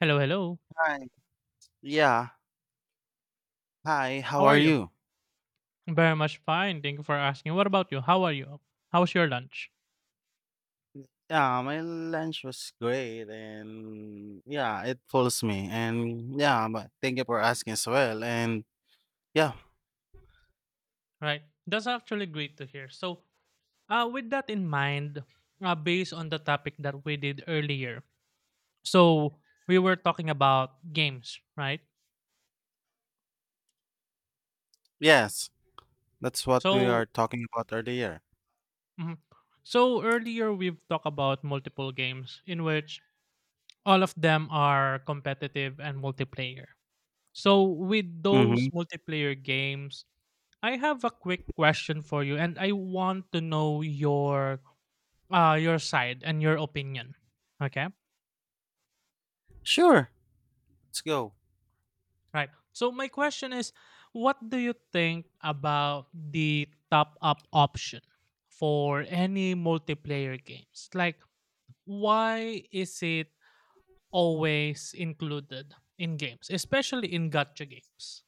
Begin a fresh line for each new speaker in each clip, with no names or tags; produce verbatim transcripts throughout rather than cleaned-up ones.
Hello, hello.
Hi. Yeah. Hi. How
How are
are
you?
you?
Very much fine. Thank you for asking. What about you? How are you? How's your lunch?
Yeah, my lunch was great and yeah, it pulls me. And yeah, but thank you for asking as well. And yeah,
Right. That's actually great to hear. So, uh, with that in mind, uh, based on the topic that we did earlier, so we were talking about games, right?
yes, that's what we are
So,
talking about earlier.
mhm. so earlier we've talked about multiple games in which all of them are competitive and multiplayer. So, with those
Mm-hmm.
multiplayer games, I have a quick question for you, and I want to know your uh your side and your opinion. Okay,
Sure. Let's go.
right. So my question is, what do you think about the top up option for any multiplayer games? Like, why is it always included in games, especially in gacha games?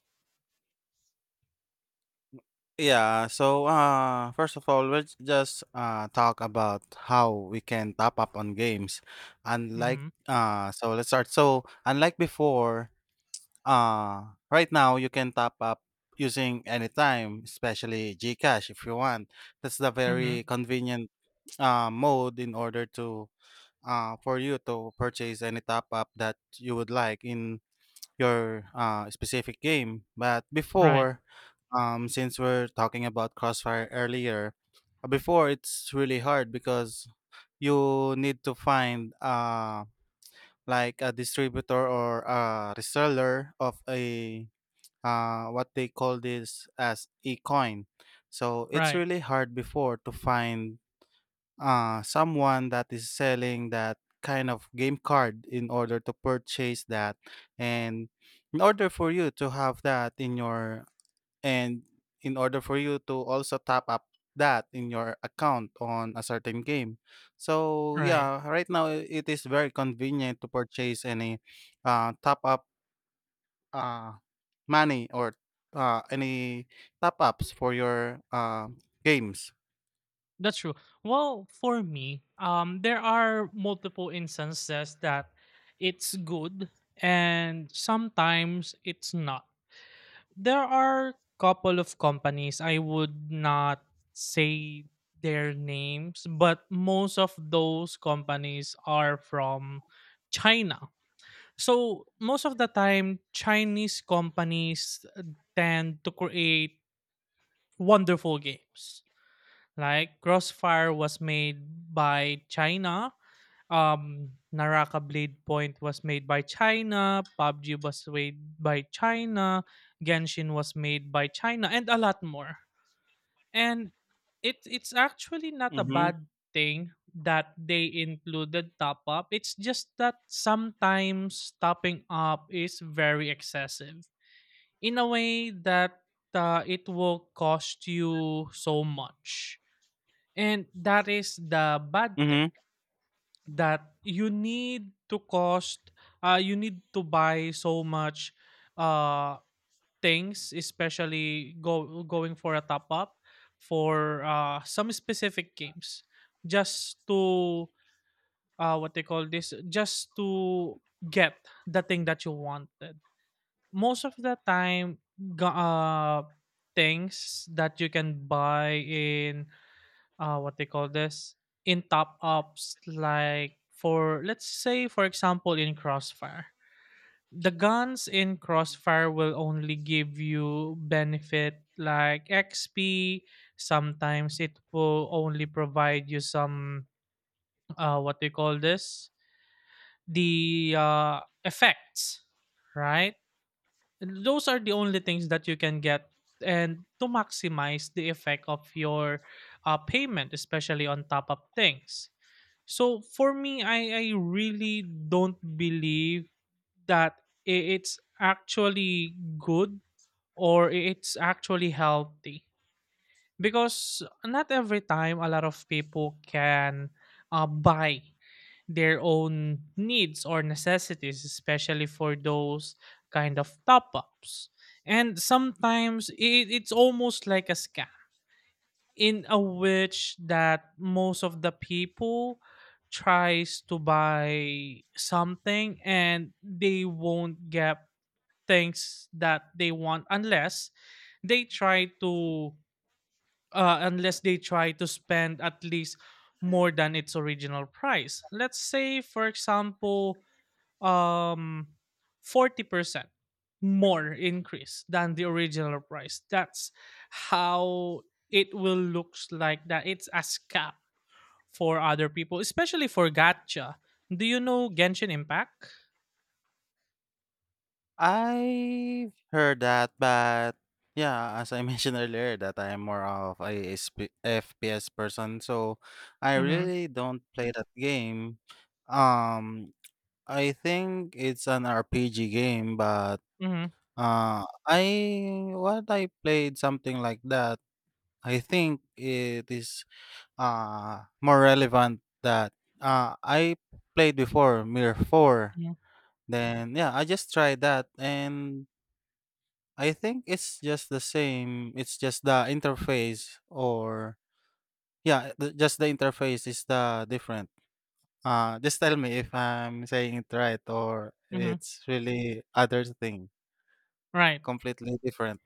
Yeah, so uh first of all, let's just uh talk about how we can top up on games. Unlike
Mm-hmm.
uh so let's start. So unlike before, Uh, right now you can top up using anytime, especially GCash if you want. That's the very
Mm-hmm.
convenient uh, mode in order to uh, for you to purchase any top up that you would like in your uh, specific game. But
Right.
before, um, since we're talking about Crossfire earlier, uh, before it's really hard because you need to find uh, like a distributor or a reseller of a uh, what they call this as ecoin. So it's
Right.
really hard before to find uh, someone that is selling that kind of game card in order to purchase that and in order for you to have that in your and in order for you to also top up that in your account on a certain game. So
Right.
yeah, right now it is very convenient to purchase any uh, top up uh, money or uh, any top ups for your uh, games.
That's true. Well, for me, um, there are multiple instances that it's good and sometimes it's not. There are couple of companies I would not say their names, but most of those companies are from China. So most of the time, Chinese companies tend to create wonderful games like Crossfire was made by China. Um, Naraka Blade Point was made by China. P U B G was made by China. Genshin was made by China, and a lot more. And it it's actually not a
Mhm,
bad thing that they included top up. It's just that sometimes topping up is very excessive in a way that uh, it will cost you so much, and that is the bad thing
mhm.
that you need to cost uh you need to buy so much uh things, especially go going for a top up for uh some specific games just to uh what they call this just to get the thing that you wanted. Most of the time, ga- uh things that you can buy in uh what they call this in top ups, like, for let's say for example, in Crossfire, the guns in Crossfire will only give you benefit like X P. Sometimes it will only provide you some uh what they call this the uh effects, right? Those are the only things that you can get, and to maximize the effect of your uh, payment, especially on top up things. So for me, I, I really don't believe that i- it's actually good or it's actually healthy, because not every time a lot of people can uh, buy their own needs or necessities, especially for those kind of top ups. And sometimes it, it's almost like a scam, in a which that most of the people tries to buy something and they won't get things that they want unless they try to uh, unless they try to spend at least more than its original price. Let's say for example, um forty percent more increase than the original price. That's how it will looks like, that it's a scam for other people, especially for gacha. Do you know Genshin Impact?
I've heard that, but yeah, as I mentioned earlier, that I am more of a S P F P S person, so I
Mm-hmm.
really don't play that game. Um, I think it's an R P G game, but
Mm-hmm.
uh, I what I played something like that. I think it is uh more relevant that uh I played before Mir four.
Mm-hmm.
Then yeah, I just tried that and I think it's just the same, it's just the interface or yeah, the, just the interface is the different. Uh just tell me if I'm saying it right or
Mm-hmm.
it's really other thing
Right.
completely different.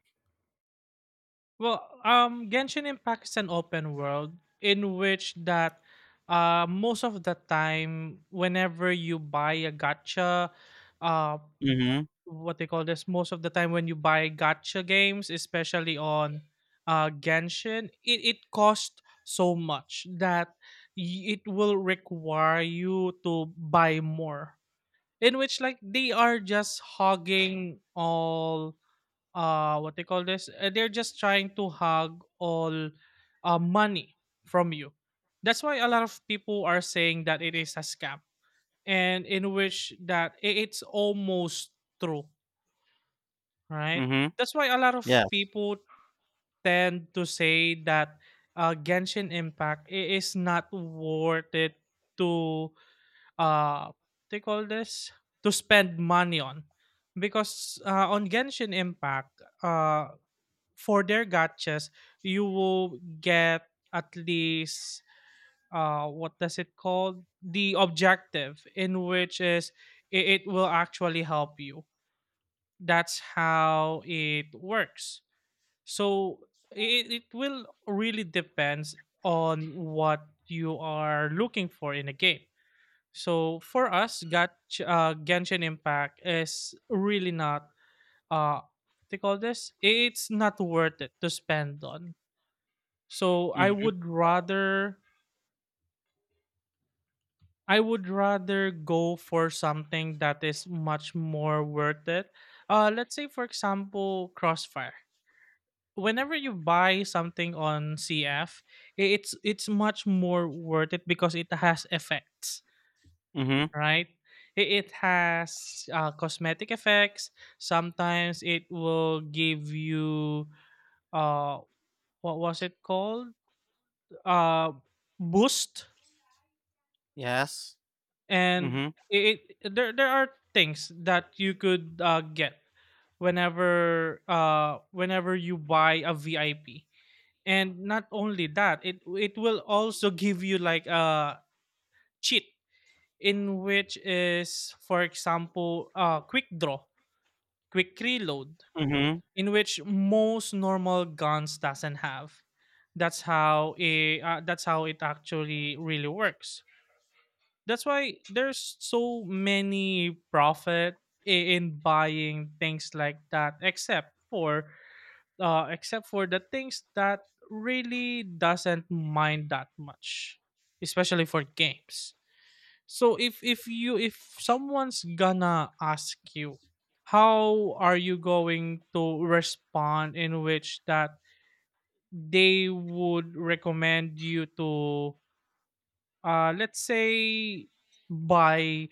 Well, um Genshin Impact is an open world in which that uh most of the time whenever you buy a gacha uh
Mhm.
what they call this most of the time when you buy gacha games, especially on uh Genshin, it, it costs so much that y- it will require you to buy more, in which like they are just hogging all uh what they call this uh, they're just trying to hog all uh money from you. That's why a lot of people are saying that it is a scam, and in which that i- it's almost true. Right?
Mhm.
That's why a lot of
Yes.
people tend to say that uh, Genshin Impact i- is not worth it to uh they call this to spend money on, because uh, on Genshin Impact uh for their gachas you will get at least uh what does it called the objective in which is it, it will actually help you. That's how it works. So it, it will really depends on what you are looking for in a game. So for us, Gatch, uh, Genshin Impact is really not uh what they call this. It's not worth it to spend on. So I
Mhm.
would rather I would rather go for something that is much more worth it. Uh, let's say for example, Crossfire. Whenever you buy something on C F, it's it's much more worth it because it has effects,
Mhm.
right? I- It has uh, cosmetic effects. Sometimes it will give you uh what was it called? Uh boost.
Yes.
And
Mhm.
it, it there there are things that you could uh, get whenever uh whenever you buy a V I P. And not only that, it it will also give you like a cheat, in which is, for example, uh quick draw, quick reload,
Mhm.
in which most normal guns doesn't have. That's how it uh, that's how it actually really works. That's why there's so many profit i- in buying things like that, except for uh, except for the things that really doesn't mind that much, especially for games. So if if you, if someone's gonna ask you, how are you going to respond in which that they would recommend you to uh let's say buy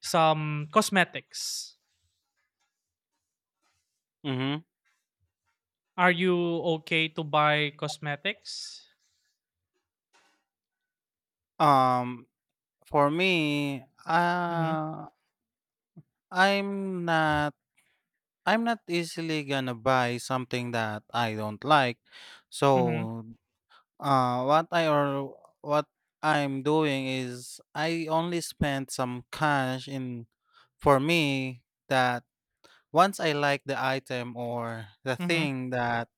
some cosmetics.
Mhm.
Are you okay to buy cosmetics?
um For me,
Mm-hmm.
uh, I'm not I'm not easily gonna buy something that I don't like.
Mm-hmm.
So, uh, what I or what I'm doing is I only spend some cash in for me that once I like the item or the
Mm-hmm.
thing that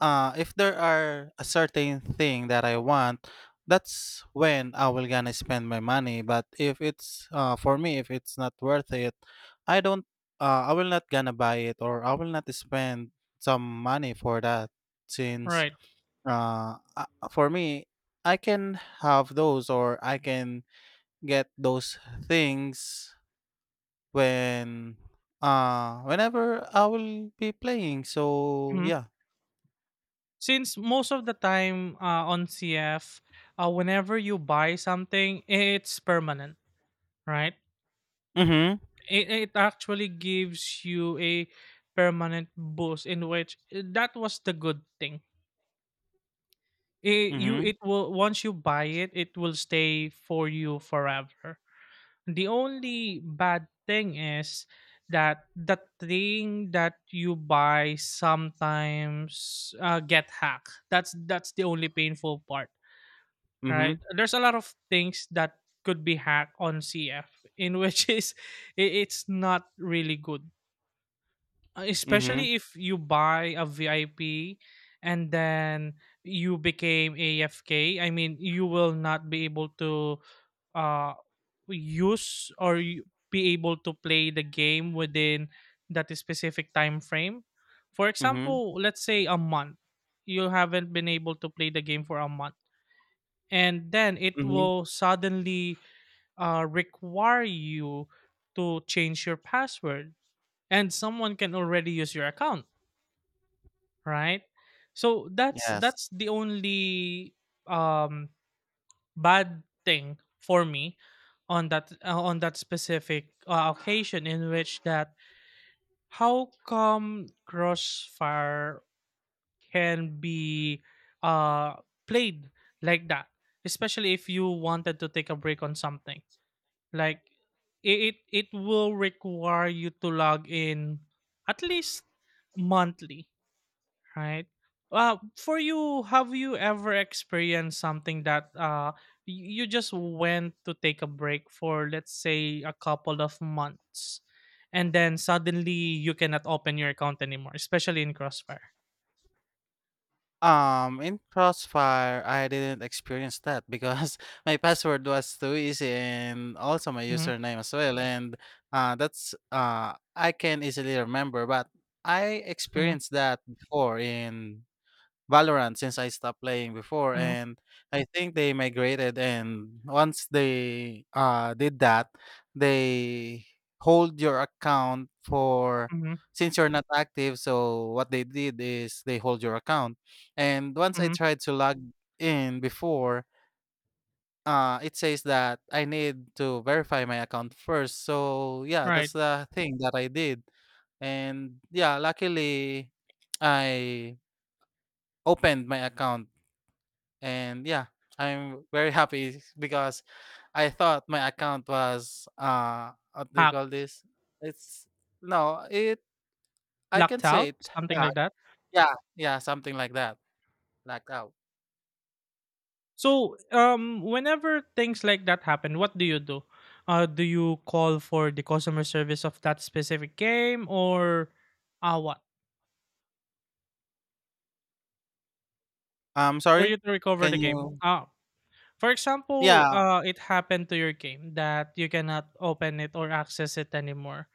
uh if there are a certain thing that I want, that's when I will gonna spend my money. But if it's uh for me, if it's not worth it, I don't uh I will not gonna buy it or I will not spend some money for that since
Right.
uh uh, for me I can have those or I can get those things when uh whenever I will be playing. So
Mm-hmm.
yeah.
Since most of the time uh, on C F, uh, whenever you buy something, it's permanent, right?
Mhm.
It, it actually gives you a permanent boost, in which eh, that was the good thing. It, you
Mhm.
it will, once you buy it, it will stay for you forever. The only bad thing is that the thing that you buy sometimes uh, get hacked. That's that's the only painful part, right?
Mhm.
There's a lot of things that could be hacked on C F, in which is i- it's not really good. Uh,
Mhm,
especially if you buy a V I P and then you became A F K. I mean, you will not be able to uh use, or you be able to play the game within that specific time frame. For
mhm,
example, let's say a month. You haven't been able to play the game for a month, and then it
mhm.
will suddenly uh, require you to change your password, and someone can already use your account, right? So that's
Yes.
that's the only um bad thing for me on that uh, on that specific uh, occasion, in which that how come Crossfire can be uh played like that, especially if you wanted to take a break on something. Like, i- it it will require you to log in at least monthly, right? Uh, for you, have you ever experienced something that uh y- you just went to take a break for, let's say, a couple of months, and then suddenly you cannot open your account anymore, especially in Crossfire?
Um, in Crossfire, I didn't experience that because my password was too easy and also my
Mm-hmm.
username as well. And uh, that's uh, I can easily remember, but I
Mm-hmm.
experienced that before in Valorant since I stopped playing before,
Mm-hmm.
and I think they migrated, and once they uh, did that, they hold your account for,
Mm-hmm.
since you're not active, so what they did is they hold your account, and once I
Hmm.
tried to log in before, uh, it says that I need to verify my account first, so yeah,
Right.
that's the thing that I did, and yeah, luckily I opened my account and yeah, I'm very happy because I thought my account was uh what do you call
Hacked,
this? It's no, it I can
locked
say
out,
it
something
yeah,
like that.
yeah, yeah, something like that. Like out.
So, um, whenever things like that happen, what do you do? Uh, do you call for the customer service of that specific game, or uh, what?
I'm
For
sorry?
you to recover
Can
the game.
you
Uh, for example,
Yeah.
uh, it happened to your game that you cannot open it or access it anymore.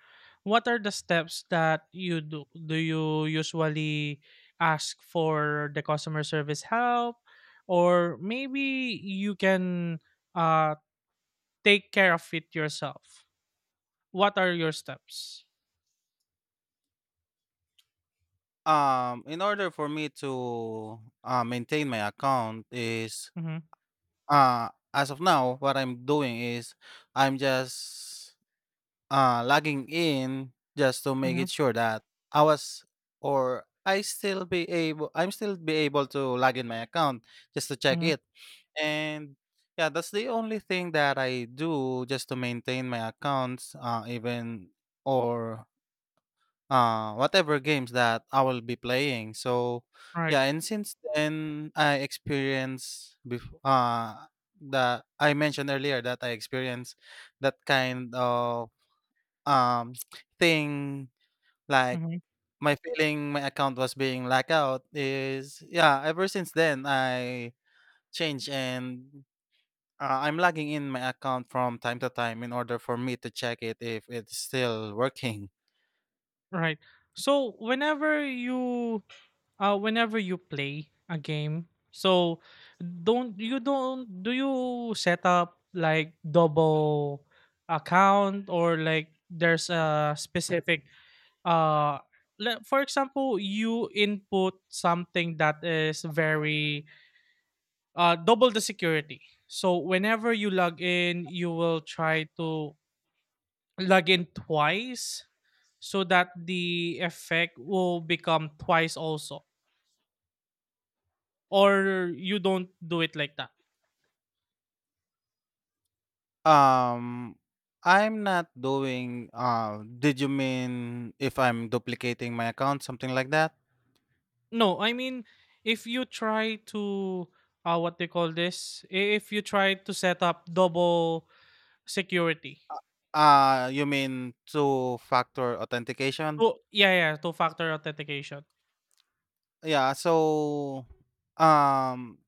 What are the steps that you do? Do you usually ask for the customer service help, or maybe you can uh, take care of it yourself? What are your steps?
Um in order for me to uh, maintain my account is
Mhm.
uh as of now what I'm doing is I'm just uh, logging in just to make it
Mhm.
sure that I was or I still be able I'm still be able to log in my account just to check
Mhm.
it. And yeah, that's the only thing that I do just to maintain my accounts, uh, even or uh, whatever games that I will be playing. So
Right.
yeah, and since then I experience before uh, that I mentioned earlier that I experienced that kind of um, thing, like
Mhm.
my feeling my account was being locked out is yeah, ever since then I changed and uh, I'm logging in my account from time to time in order for me to check it if it's still working.
Right. So whenever you uh whenever you play a game, so don't you don't do you set up like double account, or like there's a specific uh le- for example you input something that is very uh double the security, so whenever you log in you will try to log in twice so that the effect will become twice also, or you don't do it like that?
Um I'm not doing uh did you mean if I'm duplicating my account, something like that?
No, I mean, if you try to uh, what they call this I- if you try to set up double security.
Uh you mean two factor authentication?
Oh yeah, yeah, two factor authentication.
Yeah, so um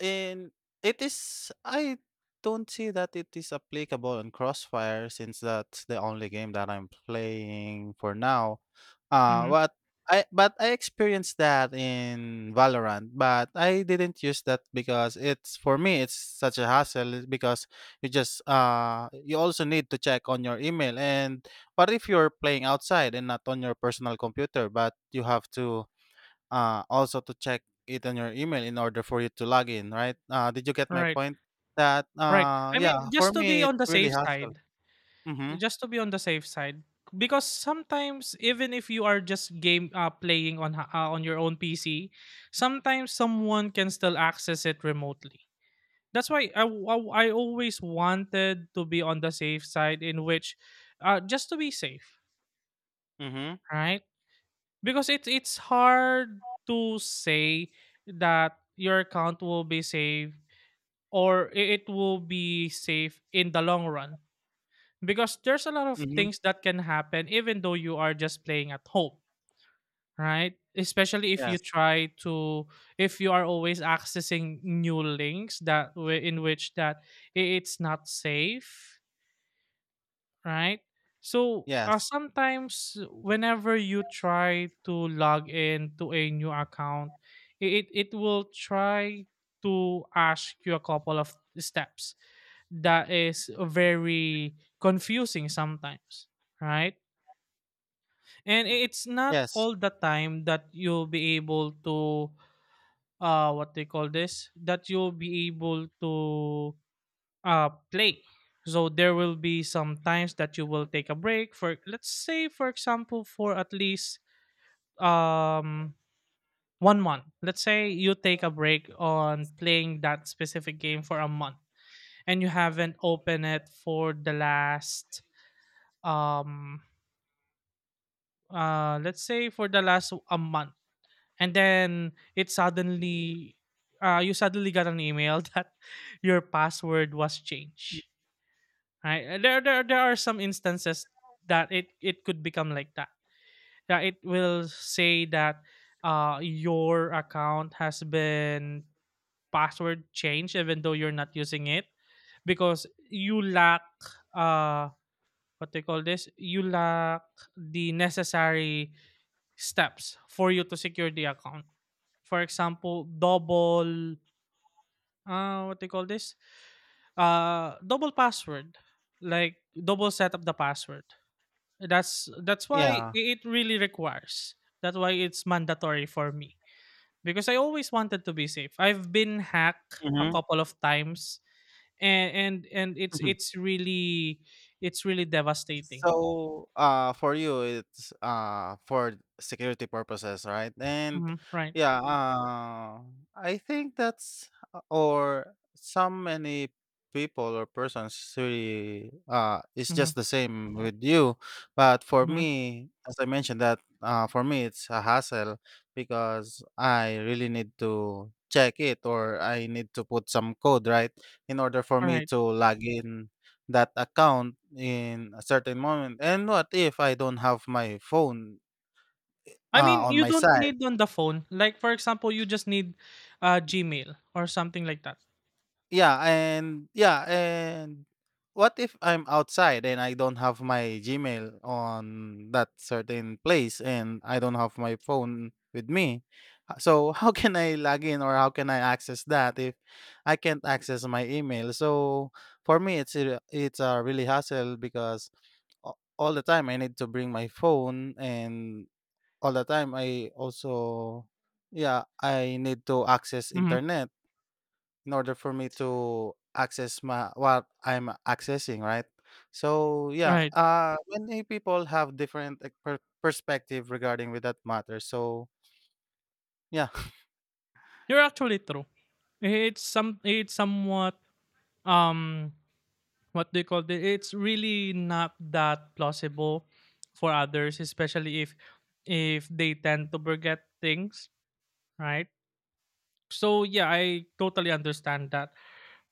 And it is I don't see that it is applicable on Crossfire since that's the only game that I'm playing for now. Uh
Hmm.
but I but I experienced that in Valorant, but I didn't use that because it's for me it's such a hassle because you just uh you also need to check on your email and what if you're playing outside and not on your personal computer but you have to uh, also to check it on your email in order for you to log in, right? Uh, did you get my
Right.
point? That
Right,
uh,
I
yeah,
mean
for
just to be
me
on the
it's really
safe
hassle.
side,
Mm-hmm.
just to be on the safe side, because sometimes even if you are just game uh, playing on ha- uh, on your own P C, sometimes someone can still access it remotely. That's why I, w- I w- I always wanted to be on the safe side, in which uh, just to be safe,
Mm-hmm.
right? Because it's it's hard to say that your account will be safe, or i- it will be safe in the long run, because there's a lot of
Mm-hmm.
things that can happen even though you are just playing at home, right? Especially if you
Yes.
try to, if you are always accessing new links, that way in which that i- it's not safe, right? So uh,
Yes.
sometimes whenever you try to log in to a new account, it it will try to ask you a couple of steps that is very confusing sometimes, right? And i- it's not
Yes.
all the time that you'll be able to uh what they call this that you'll be able to uh play. So there will be some times that you will take a break for, let's say, for example, for at least um one month. Let's say you take a break on playing that specific game for a month and you haven't opened it for the last um uh let's say for the last a month. And then it suddenly uh, you suddenly got an email that your password was
Y-
changed, right. Uh, there, there there are some instances that it it could become like that. Yeah, it will say that uh your account has been password changed even though you're not using it because you lack uh what they call this, you lack the necessary steps for you to secure the account, for example, double uh what they call this? Uh double password. Like double set up the password. That's that's why I-
Yeah.
it really requires. That's why it's mandatory for me. Because I always wanted to be safe. I've been hacked a
Mm-hmm.
couple of times and and, and it's it's really it's really devastating.
So, uh, for you, it's uh for security purposes, right? And
Mhm. Right.
yeah, uh, I think that's uh, or some many people or persons really uh it's
Mm-hmm.
just the same with you. But for
Mm-hmm.
me, as I mentioned that uh for me it's a hassle because I really need to check it or I need to put some code, right? In order for me
Right.
to log in that account in a certain moment and what if I don't have my phone
I
uh,
mean,
on
you
my
don't
side.
need on the phone. Like for example, you just need uh Gmail or something like that.
Yeah, and yeah, and what if I'm outside and I don't have my Gmail on that certain place and I don't have my phone with me. Uh, so how can I log in or how can I access that if I can't access my email? So for me it's a, it's a really hassle because a- all the time I need to bring my phone and all the time. I also yeah, I need to access
Mhm.
internet in order for me to access my what I'm accessing, right? So yeah,
Right.
uh many people have different like, per- perspective regarding with that matter. So yeah,
You're actually true. It's some it's somewhat um what they call it, it's really not that plausible for others, especially if if they tend to forget things, right. So yeah, I totally understand that.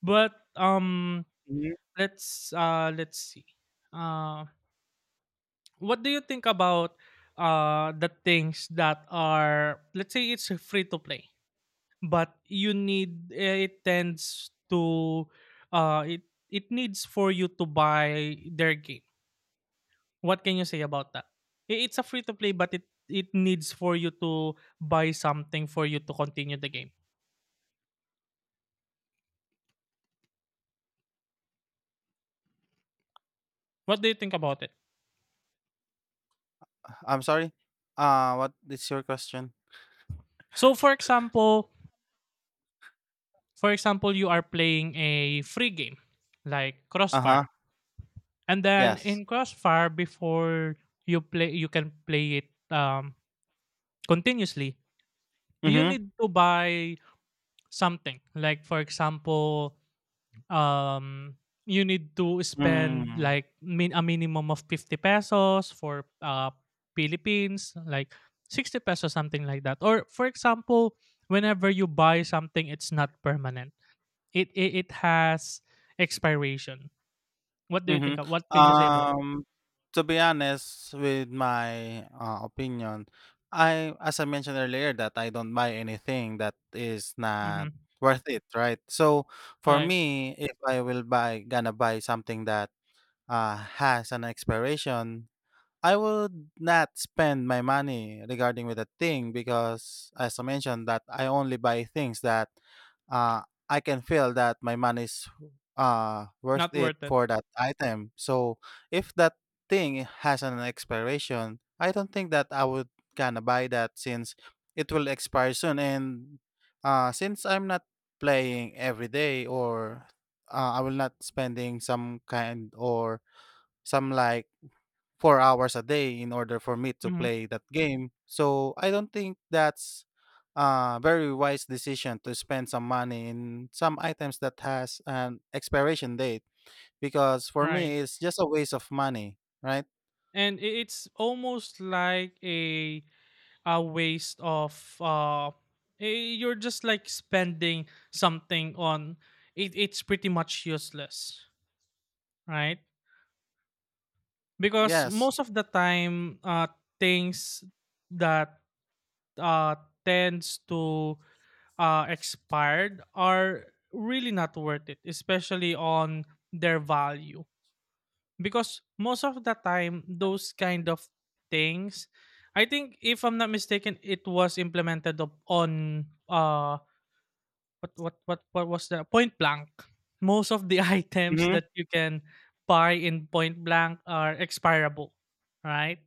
But um
Mhm.
Let's uh let's see, uh what do you think about uh the things that are, let's say, it's free to play, but you need eh, it tends to uh it it needs for you to buy their game? What can you say about that? I- It's a free to play, but it it needs for you to buy something for you to continue the game. What do you think about it?
I'm sorry. Uh what is your question?
So, for example, for example, you are playing a free game like
Uh-huh.
Crossfire, and then
Yes.
in Crossfire, before you play, you can play it um, continuously. You
Mhm.
need to buy something like, for example, um you need to spend
Mm.
like min- a minimum of fifty pesos for uh Philippines, like sixty pesos something like that. Or for example, whenever you buy something, it's not permanent. It it, it has expiration. What do you think
Mhm.
of, what can you say about.
Um, to be honest with my, uh, opinion, I as I mentioned earlier that I don't buy anything that is not
Mm-hmm.
worth it, right? So, for
Right.
me, if I will buy gonna buy something that, uh, has an expiration, I would not spend my money regarding with a thing because as I mentioned that I only buy things that uh, I can feel that my money is uh, worth
Not
it
worth it.
for that item. So if that thing has an expiration, I don't think that I would gonna buy that since it will expire soon. And uh, since I'm not playing every day or uh, I will not spending some kind or some like four hours a day in order for me to
Mm-hmm.
play that game. So I don't think that's a very wise decision to spend some money in some items that has an expiration date because for
Right.
me it's just a waste of money, right?
And I- it's almost like a a waste of, uh eh, you're just like spending something on, it it's pretty much useless, right? Because
Yes.
most of the time uh things that uh tends to uh expired are really not worth it, especially on their value, because most of the time those kind of things, I think, if I'm not mistaken, it was implemented up on uh what what what what was the Point Blank. Most of the items
Mm-hmm.
that you can buy in Point Blank are expirable, right?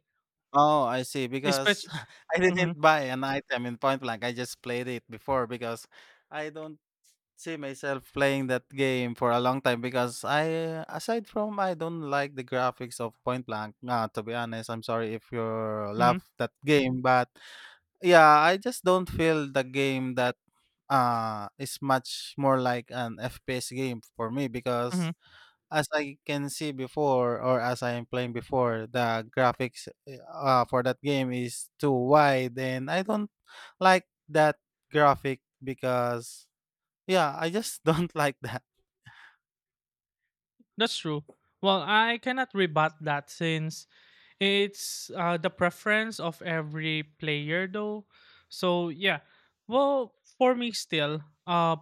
Oh, I see. Because
Especially.
I
Mhm.
didn't buy an item in Point Blank. I just played it before because I don't see myself playing that game for a long time because I aside from I don't like the graphics of Point Blank. Nah, to be honest, I'm sorry if you love
Mhm.
that game, but yeah, I just don't feel the game that uh is much more like an F P S game for me because
Mhm.
as I can see before or as I am playing before, the graphics uh, for that game is too wide and I don't like that graphic because yeah, I just don't like that.
That's true. Well, I cannot rebut that since it's uh, the preference of every player though. So, yeah. Well, for me still, uh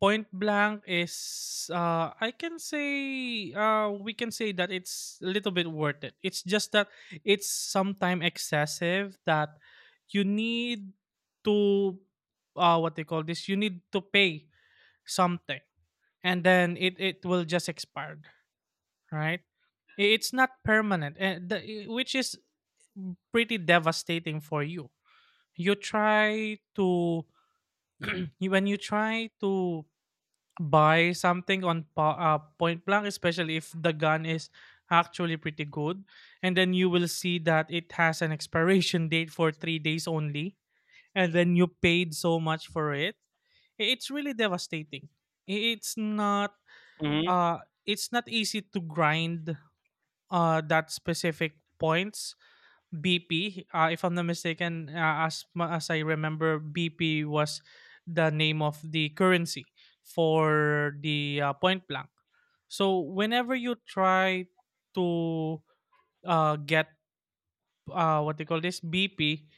Point Blank is, uh, I can say, uh, we can say that it's a little bit worth it. It's just that it's sometimes excessive that you need to, uh, what they call this, you need to pay something and then it, it will just expire, right? I- It's not permanent, and the, I- which is pretty devastating for you. You try to, you- when you try to buy something on pa- uh, point blank, especially if the gun is actually pretty good. And then you will see that it has an expiration date for three days only. And then you paid so much for it. I- It's really devastating. I- It's not
Mhm,
uh it's not easy to grind uh that specific points. B P, uh, if I'm not mistaken, uh, as ma- as I remember, B P was the name of the currency for the uh, point blank. So whenever you try to uh, get, uh, what they call this, B P,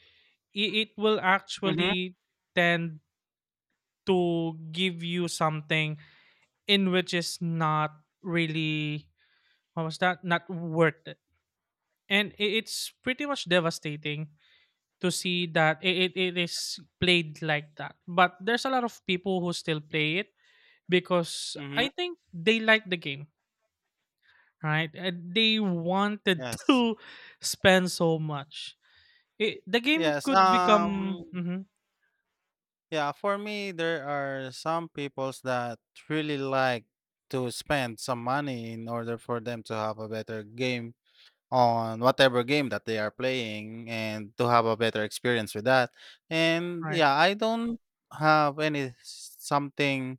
it will
mhm,
actually tend to give you something in which is not really, what was that, not worth it. And I- it's pretty much devastating to see that it, it, it is played like that. But there's a lot of people who still play it because
mhm.
I think they like the game, right? And they wanted
Yes.
to spend so much. It, the game
Yes,
could become
um,
mhm.
yeah, for me, there are some peoples that really like to spend some money in order for them to have a better game on whatever game that they are playing and to have a better experience with that. And
Right.
yeah, I don't have any something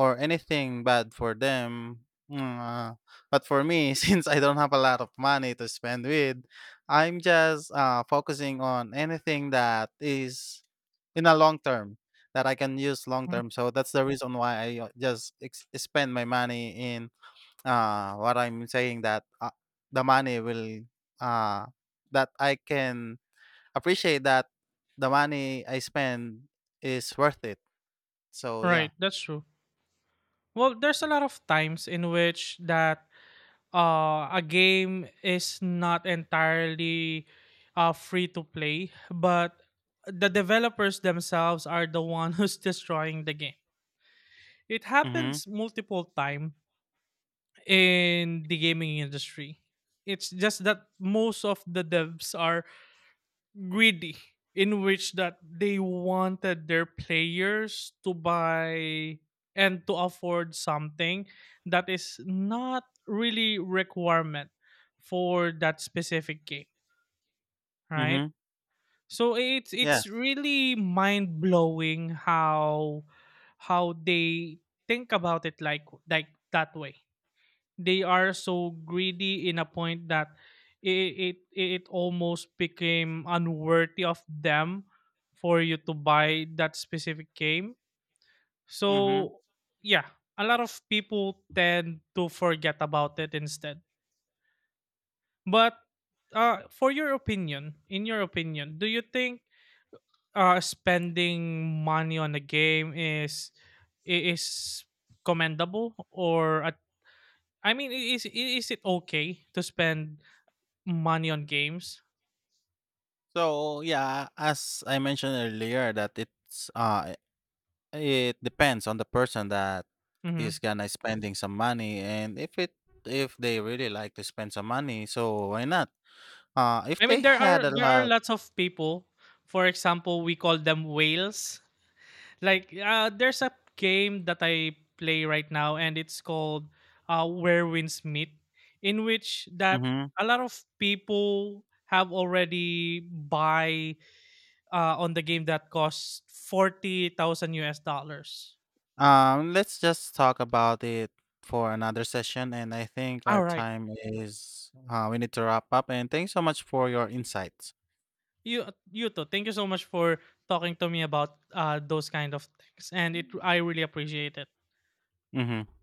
or anything bad for them. Mm. Uh, but for me, since I don't have a lot of money to spend with, I'm just uh, focusing on anything that is in a long term that I can use long
Mhm.
term. So that's the reason why I uh, just ex- spend my money in uh, what I'm saying that, uh, the money will, uh that I can appreciate that the money I spend is worth it. So, yeah.
Right. That's true. Well, there's a lot of times in which that uh, a game is not entirely uh, free to play, but the developers themselves are the one who's destroying the game. It
Mhm,
happens multiple time in the gaming industry. It's just that most of the devs are greedy, in which that they wanted their players to buy and to afford something that is not really requirement for that specific game, right?
mhm.
So it's it's
Yes.
really mind blowing how how they think about it like like that way. They are so greedy in a point that it it, it almost became unworthy of them for you to buy that specific game.
Mhm.
So yeah, a lot of people tend to forget about it instead. But uh For your opinion, in your opinion, do you think uh spending money on a game is i- is commendable, or a, I mean, i- is i- is it okay to spend money on games?
So, yeah, as I mentioned earlier that it's, uh it depends on the person that is
Mhm.
gonna spending some money, and if it if they really like to spend some money, so why not? Uh, if
I
they
mean, there
had
are
a
there are
lot
lots of people. For example, we call them whales. Like uh, there's a game that I play right now, and it's called uh, Where Winds Meet, in which that
Mhm.
a lot of people have already buy uh, on the game that costs forty thousand U S dollars.
Um, let's just talk about it for another session, and I think our
All right,
time is uh, we need to wrap up. And thanks so much for your insights.
you you too. Thank you so much for talking to me about uh, those kind of things, and it I really appreciate it.
Mm-hmm.